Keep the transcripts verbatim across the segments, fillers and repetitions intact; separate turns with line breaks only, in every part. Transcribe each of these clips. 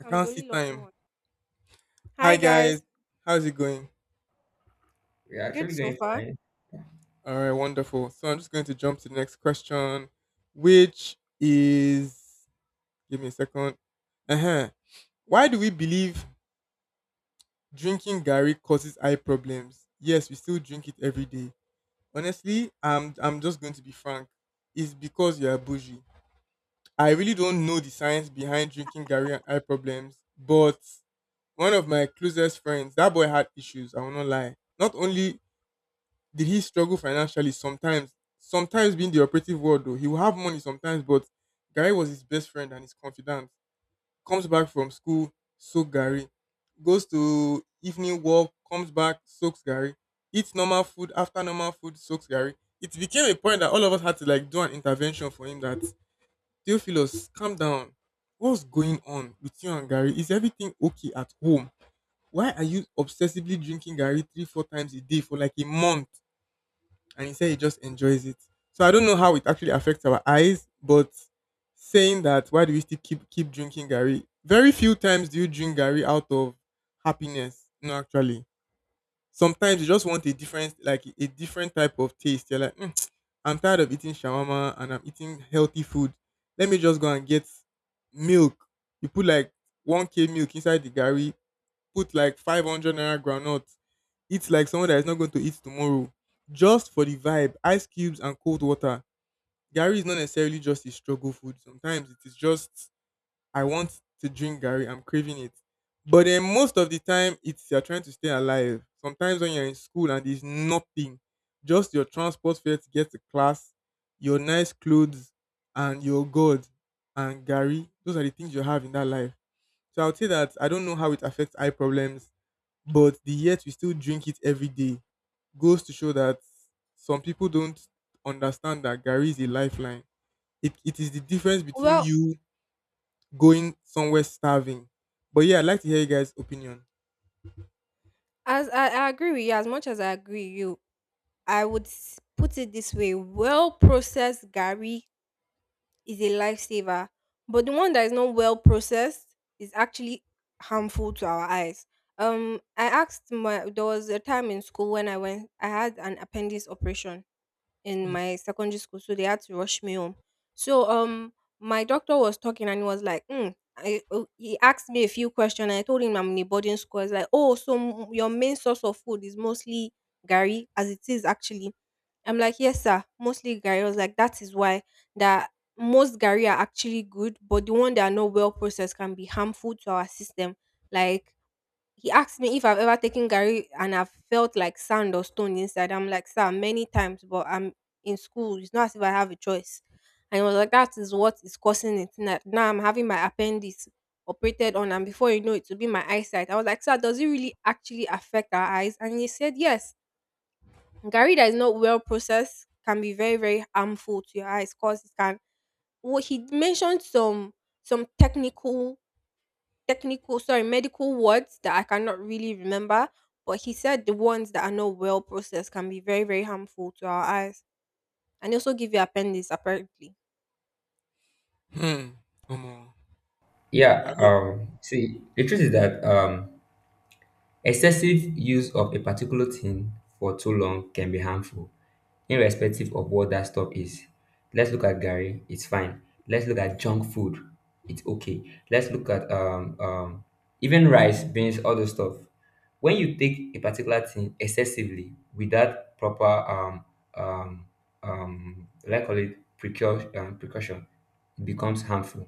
I
I'm
can't
the
see
only lucky
time.
one.
Hi
Hi
guys,
guys,
how's it going?
We're
good
actually
so
going
far.
fine.
All right, wonderful. So I'm just going to jump to the next question, which is give me a second. Uh huh. Why do we believe drinking Gary causes eye problems? Yes, we still drink it every day. Honestly, I'm I'm just going to be frank. It's because you are bougie. I really don't know the science behind drinking Gary and eye problems, but one of my closest friends, that boy had issues. I will not lie. Not only did he struggle financially sometimes? Sometimes being the operative word, though, he will have money sometimes, but Gary was his best friend and his confidant. Comes back from school, soak Gary. Goes to evening walk, comes back, soaks Gary. Eats normal food, after normal food, soaks Gary. It became a point that all of us had to like do an intervention for him that Theophilus, calm down. What's going on with you and Gary? Is everything okay at home? Why are you obsessively drinking Gary three, four times a day for like a month? And he said he just enjoys it. So I don't know how it actually affects our eyes, but saying that, why do we still keep keep drinking Gary? Very few times do you drink Gary out of happiness. No, actually. Sometimes you just want a different like a different type of taste. You're like, "Mm, I'm tired of eating shawarma and I'm eating healthy food. Let me just go and get milk. You put like one k milk inside the Gary, put like five hundred naira groundnut, eat like someone that is not going to eat tomorrow, just for the vibe, ice cubes and cold water. Gary is not necessarily just a struggle food. Sometimes it is just, I want to drink Gary, I'm craving it. But then most of the time, it's you're trying to stay alive. Sometimes when you're in school and there's nothing, just your transport fare to get to class, your nice clothes, and your God and Gary, those are the things you have in that life. So I would say that I don't know how it affects eye problems, but the yet we still drink it every day goes to show that some people don't understand that Gary is a lifeline. It, it is the difference between
Well,
you going somewhere starving. But yeah, I'd like to hear you guys' opinion.
as I, I agree with you, as much as I agree with you, I would s- put it this way: well processed gari is a lifesaver, but the one that is not well processed is actually harmful to our eyes. Um, I asked my there was a time in school when I went, I had an appendix operation, in
Mm.
my secondary school, so they had to rush me home. So um, my doctor was talking and he was like, mm, I, oh," he asked me a few questions. I told him I'm in a boarding school. He's like, oh, so m- your main source of food is mostly gari, as it is actually. I'm like, yes, sir, mostly gari. I was like, that is why that most gari are actually good, but the one that are not well processed can be harmful to our system. Like he asked me if I've ever taken Gary and I've felt like sand or stone inside. I'm like, sir, many times, but I'm in school. It's not as if I have a choice. And he was like, that is what is causing it. Now, now I'm having my appendix operated on, and before you know it, will be my eyesight. I was like, sir, does it really actually affect our eyes? And he said, yes. Gary that is not well processed can be very, very harmful to your eyes because it can. Well, he mentioned some some technical technical sorry medical words that I cannot really remember, but he said the ones that are not well processed can be very, very harmful to our eyes, and they also give you appendix apparently.
Hmm. Omo. I
Yeah,
know.
um, see, the truth is that um, excessive use of a particular thing for too long can be harmful, irrespective of what that stuff is. Let's look at Gary, it's fine. Let's look at junk food, it's okay. Let's look at um, um, even rice, beans, all those stuff. When you take a particular thing excessively without proper um, um, um, like call it precaution, um, precaution, it becomes harmful.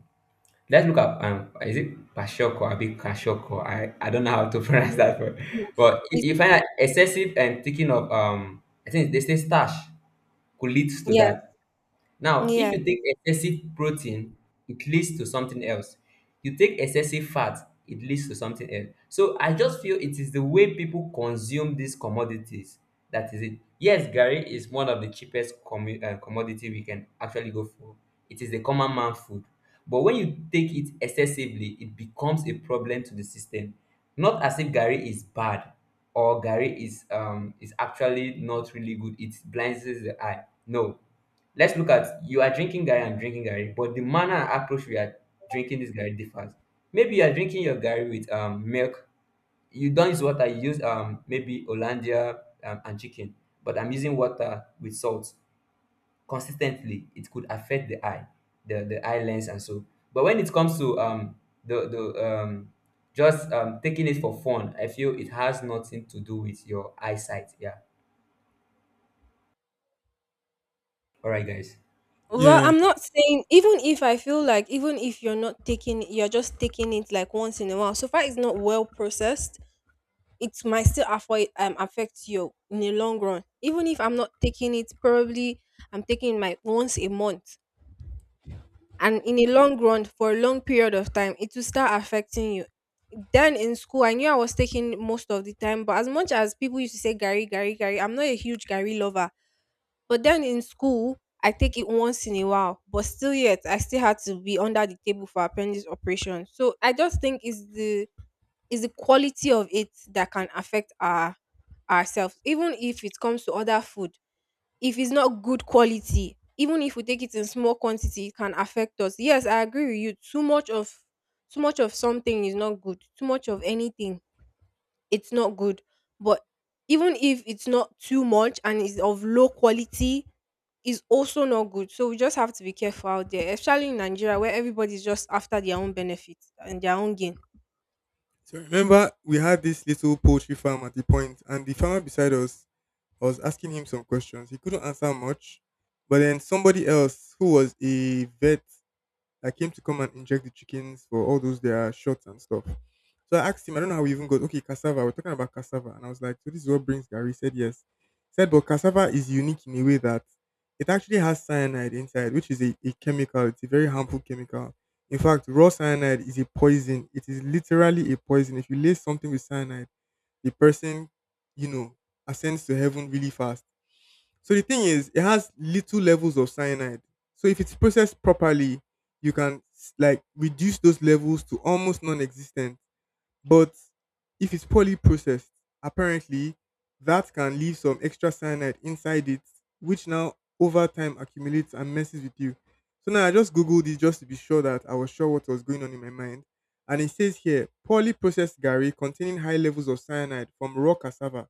Let's look at um, is it Pashoko or Kashoko? I, I don't know how to pronounce that word.
Mm.
Yeah.
But you,
Question.
It's
you find that excessive and thinking of um, I think they say stash could lead to
yes,
that. Now, if
yeah,
you take excessive protein, it leads to something else. You take excessive fat, it leads to something else. So I just feel it is the way people consume these commodities. That is it. Yes, Gary is one of the cheapest commu- uh, commodity we can actually go for. It is the common man food. But when you take it excessively, it becomes a problem to the system. Not as if Gary is bad or Gary is um is actually not really good. It blinds the eye. No, let's look at you are drinking gari. I'm drinking gari, but the manner and approach we are drinking this gari differs. Maybe you are drinking your gari with um, milk. You don't use water, you use um, maybe Hollandia um, and chicken, but I'm using water with salt. Consistently, it could affect the eye, the, the eye lens, and so. But when it comes to um, the, the um, just um, taking it for fun, I feel it has nothing to do with your eyesight. Yeah. All right, guys.
well,
Yeah.
I'm not saying, even if I feel like, even if you're not taking, you're just taking it like once in a while, so far it's not well processed, it might still affect um affect you in the long run. Even if I'm not taking it, probably I'm taking my once a month, and in a long run for a long period of time it will start affecting you. Then in school, I knew I was taking most of the time, but as much as people used to say gary gary gary, I'm not a huge gary lover, but then in school I take it once in a while, but still yet I still had to be under the table for appendix operation. So I just think it's the it's the quality of it that can affect our ourselves. Even if it comes to other food, if it's not good quality, even if we take it in small quantity, it can affect us. Yes, I agree with you. Too much of too much of something is not good. Too much of anything, it's not good. But even if it's not too much and is of low quality, is also not good. So we just have to be careful out there, especially in Nigeria where everybody's just after their own benefit and their own gain.
So remember, we had this little poultry farm at the point, and the farmer beside us, I was asking him some questions. He couldn't answer much, but then somebody else who was a vet, I came to come and inject the chickens for all those their shots and stuff. So I asked him, I don't know how we even got, okay, cassava. We're talking about cassava. And I was like, so this is what brings Gary. He said yes. He said, but cassava is unique in a way that it actually has cyanide inside, which is a, a chemical. It's a very harmful chemical. In fact, raw cyanide is a poison. It is literally a poison. If you lay something with cyanide, the person, you know, ascends to heaven really fast. So the thing is, it has little levels of cyanide. So if it's processed properly, you can s- like reduce those levels to almost non-existent. But if it's poorly processed, apparently that can leave some extra cyanide inside it, which now over time accumulates and messes with you. So now I just googled it just to be sure that I was sure what was going on in my mind. And it says here, poorly processed gari containing high levels of cyanide from raw cassava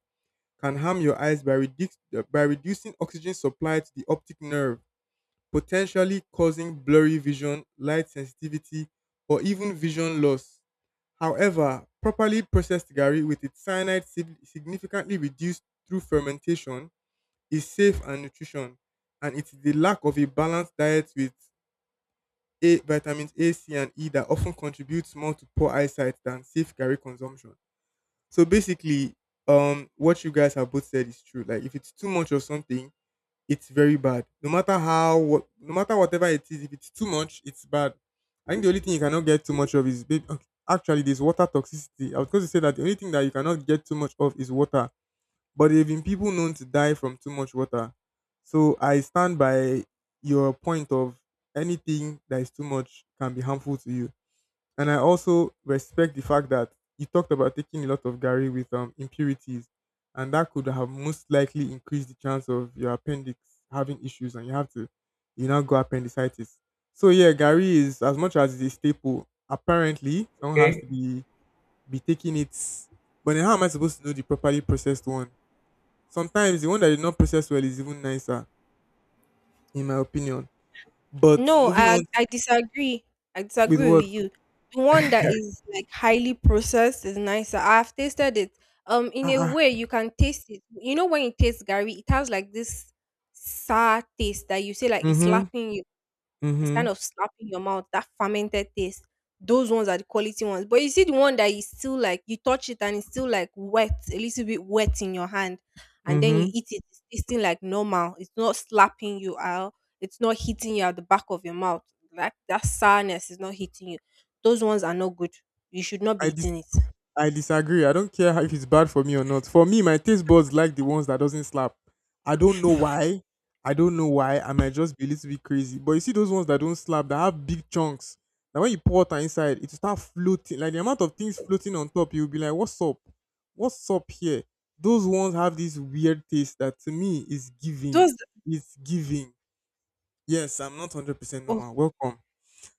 can harm your eyes by, reduc- uh, by reducing oxygen supply to the optic nerve, potentially causing blurry vision, light sensitivity, or even vision loss. However, properly processed gari with its cyanide sig- significantly reduced through fermentation is safe and nutrition, and it is the lack of a balanced diet with A, vitamins A, C, and E that often contributes more to poor eyesight than safe gari consumption. So basically, um, what you guys have both said is true. Like, if it's too much of something, it's very bad. No matter how, what, no matter whatever it is, if it's too much, it's bad. I think the only thing you cannot get too much of is maybe, okay, actually there's water toxicity. I was going to say that the only thing that you cannot get too much of is water, but there have been people known to die from too much water. So I stand by your point of anything that is too much can be harmful to you. And I also respect the fact that you talked about taking a lot of Gary with um, impurities, and that could have most likely increased the chance of your appendix having issues, and you have to, you now go appendicitis. So yeah, Gary, is as much as it's a staple, apparently someone has
Okay.
to be be taking it. But then how am I supposed to know the properly processed one? Sometimes the one that is not processed well is even nicer, in my opinion. But
No,
moving
I
on.
I disagree. I
With
disagree
what?
with you. The one that is like highly processed is nicer. I've tasted it. Um,
Ah,
in a
uh-uh.
way, you can taste it. You know when you taste Gary, it has like this sour taste that you say like it's
Mm-hmm,
slapping you. It's
mm-hmm,
kind of slapping your mouth, that fermented taste. Those ones are the quality ones. But you see the one that is still like you touch it and it's still like wet, a little bit wet in your hand, and then
mm-hmm.
you eat it, it's tasting like normal. It's not slapping you out, it's not hitting you at the back of your mouth. Like that sourness is not hitting you. Those ones are not good. You should not be
I
eating it.
I disagree. I don't care how, if it's bad for me or not. For me, my taste buds like the ones that doesn't slap. I don't know why. I don't know why. I might just be a little bit crazy. But you see those ones that don't slap, that have big chunks. Now when you pour water inside, it will start floating. Like the amount of things floating on top, you'll be like, what's up? What's up here? Those ones have this weird taste that to me is giving.
Those
It's giving. Yes, I'm not one hundred percent
oh
normal. Welcome.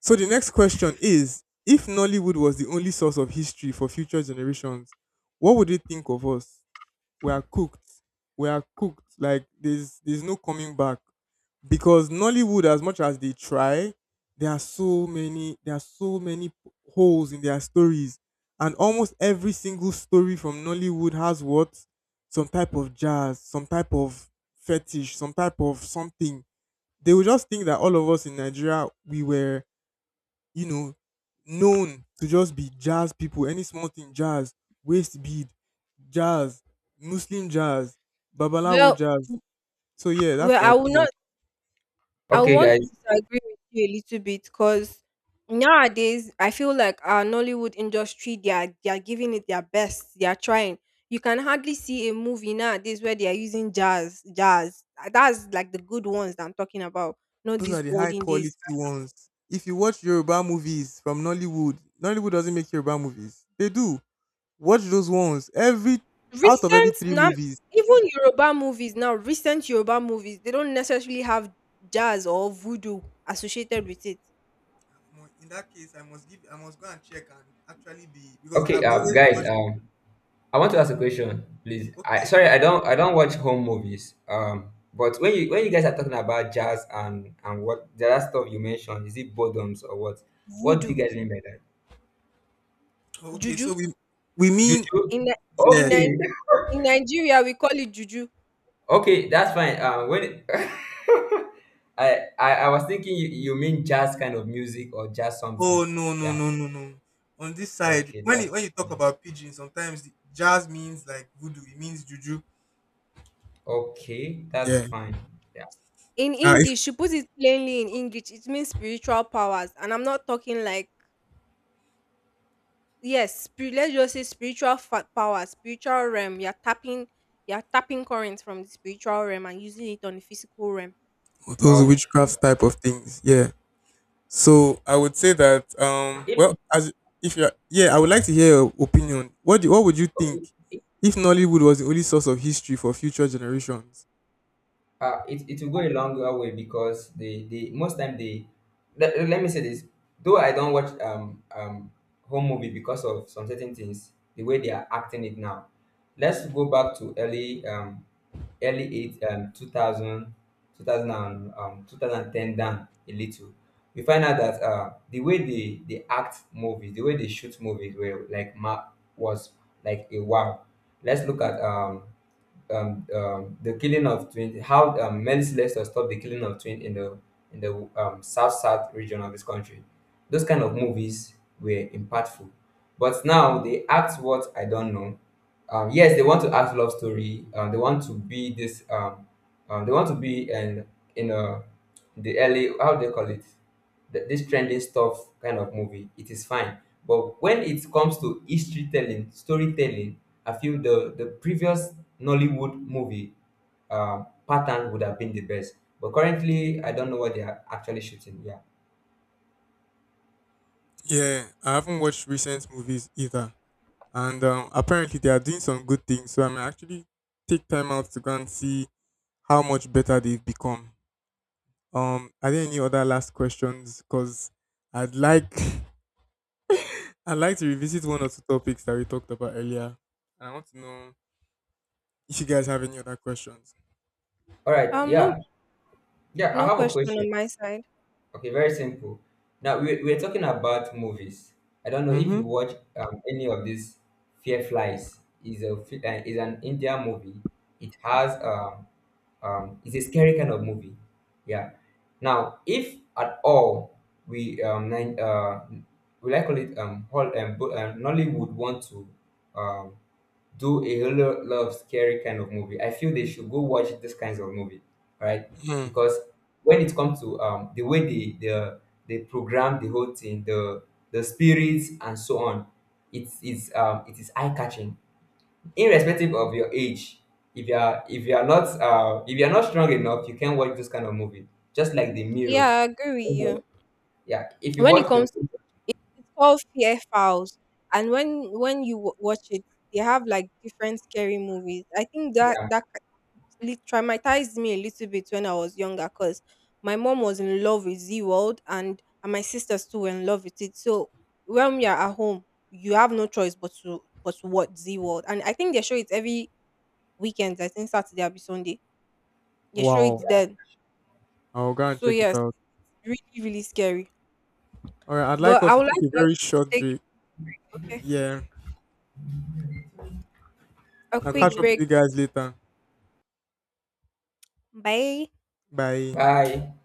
So the next question is, if Nollywood was the only source of history for future generations, what would they think of us? We are cooked. We are cooked. Like there's there's no coming back. Because Nollywood, as much as they try, there are so many there are so many holes in their stories. And almost every single story from Nollywood has what? Some type of jazz, some type of fetish, some type of something. They would just think that all of us in Nigeria, we were you know, known to just be jazz people. Any small thing, jazz, waist bead, jazz, Muslim jazz, Babalawo
well,
jazz. So yeah, that's
well
my
I will
opinion.
not I
Okay,
want to
guys.
disagree with you a little bit, because nowadays I feel like our Nollywood industry, they are they are giving it their best. They are trying. You can hardly see a movie nowadays where they are using jazz, jazz. Uh, That's like the good ones that I'm talking about, not
Those are
these
the high
olden days.
quality ones. If you watch Yoruba movies from Nollywood, Nollywood doesn't make Yoruba movies. They do. Watch those ones. Every out of every
Recent
three
now,
movies.
even Yoruba movies now, recent Yoruba movies, they don't necessarily have jazz or voodoo associated with it.
Omo, in that case, I must give. I must go and check and actually be because I
Okay, um,
always
guys.
judge.
Um, I want to
Mm,
ask a question, please. I
okay.
sorry, I don't I don't watch home movies. Um, but when you when you guys are talking about jazz and and what the other stuff you mentioned, is it boredoms or what? What do you
Voodoo,
guys mean by that?
Okay.
juju,
So we we mean
Juju?
in Ni- in
yes.
Okay,
Ni- in Nigeria we call it juju.
okay, that's fine. Um, when I, I I was thinking you, you mean jazz kind of music or jazz something.
Oh, no, no,
Yeah.
no, no, no. On this side,
Okay,
when it,
that's
when you talk
fine.
about pidgin, sometimes the jazz means like voodoo. It means juju.
Okay, that's
Yeah.
fine. Yeah.
In
Uh, if
English, she puts it plainly in English. It means spiritual powers, and I'm not talking like yes, spirit, let's just say spiritual fa- powers, spiritual realm. You're tapping, you're tapping currents from the spiritual realm and using it on the physical realm.
those
Okay.
witchcraft type of things. Yeah. So I would say that um well,
If
as if you are yeah, I would like to hear your opinion. What do, what would you think
okay.
if Nollywood was the only source of history for future generations?
uh, it, it will go a longer way because they, they most time they let, let me say this. Though I don't watch um um home movie because of some certain things the way they are acting it now. Let's go back to early um early eight um two thousand two thousand and, um two thousand ten down a little. We find out that uh the way they they act movies, the way they shoot movies were like ma was like a wow. Let's look at um um, um, the killing of twins, how um, Melissa Lester stopped the killing of twins in the in the um, South South region of this country. Those kind of movies were impactful, but now they act what I don't know. Um, yes, they want to act love story. Um, they want to be this. Um, um, they want to be in in a the early, how do they call it, Th- this trending stuff kind of movie. It is fine, but when it comes to history telling, storytelling, I feel the the previous Nollywood movie um, pattern would have been the best. But currently, I don't know what they are actually shooting. Yeah.
Yeah, I haven't watched recent movies either, and um, apparently they are doing some good things. So I may actually take time out to go and see how much better they've become. Um, are there any other last questions? Because I'd like I'd like to revisit one or two topics that we talked about earlier. And I want to know if you guys have any other questions.
All right.
Um, no,
Yeah. Yeah. I
no
have a
question
question.
on my side.
Okay. Very simple. Now we we're talking about movies. I don't know if
Mm-hmm.
you watch um, any of these. Fear Flies is a fi- uh, is an India movie. It has um, um, it's a scary kind of movie. Yeah. Now if at all we um nine uh we like call it um hall um, bo- um Nollywood want to um do a whole lo- lot of scary kind of movie. I feel they should go watch these kinds of movie, right?
Hmm.
Because when it comes to um the way they the they program the whole thing, the the spirits and so on, it's it's um it is eye catching, irrespective of your age. If you are, if you are not uh, if you are not strong enough you can watch this kind of movie, just like the mirror.
Yeah, I agree with
You
you.
yeah, if you
When it
watch the
comes,
movie.
it's called fear files, and when when you w- watch it, they have like different scary movies. I think that
Yeah.
that lit- traumatized me a little bit when I was younger, because my mom was in love with Z World, and, and my sisters too were in love with it. So when we are at home, you have no choice but to but to watch Z World. And I think they show it every weekend. I think Saturday or Sunday. They show it
Wow.
then.
I'll go and
So
check it
yes,
out.
really, really scary.
All right. I'd like
But
us
I
to
would
take
like
a
us
very
to
short
take
break.
okay,
Yeah.
a
I'll catch
quick
up to
break.
you guys later.
Bye.
Bye.
Bye.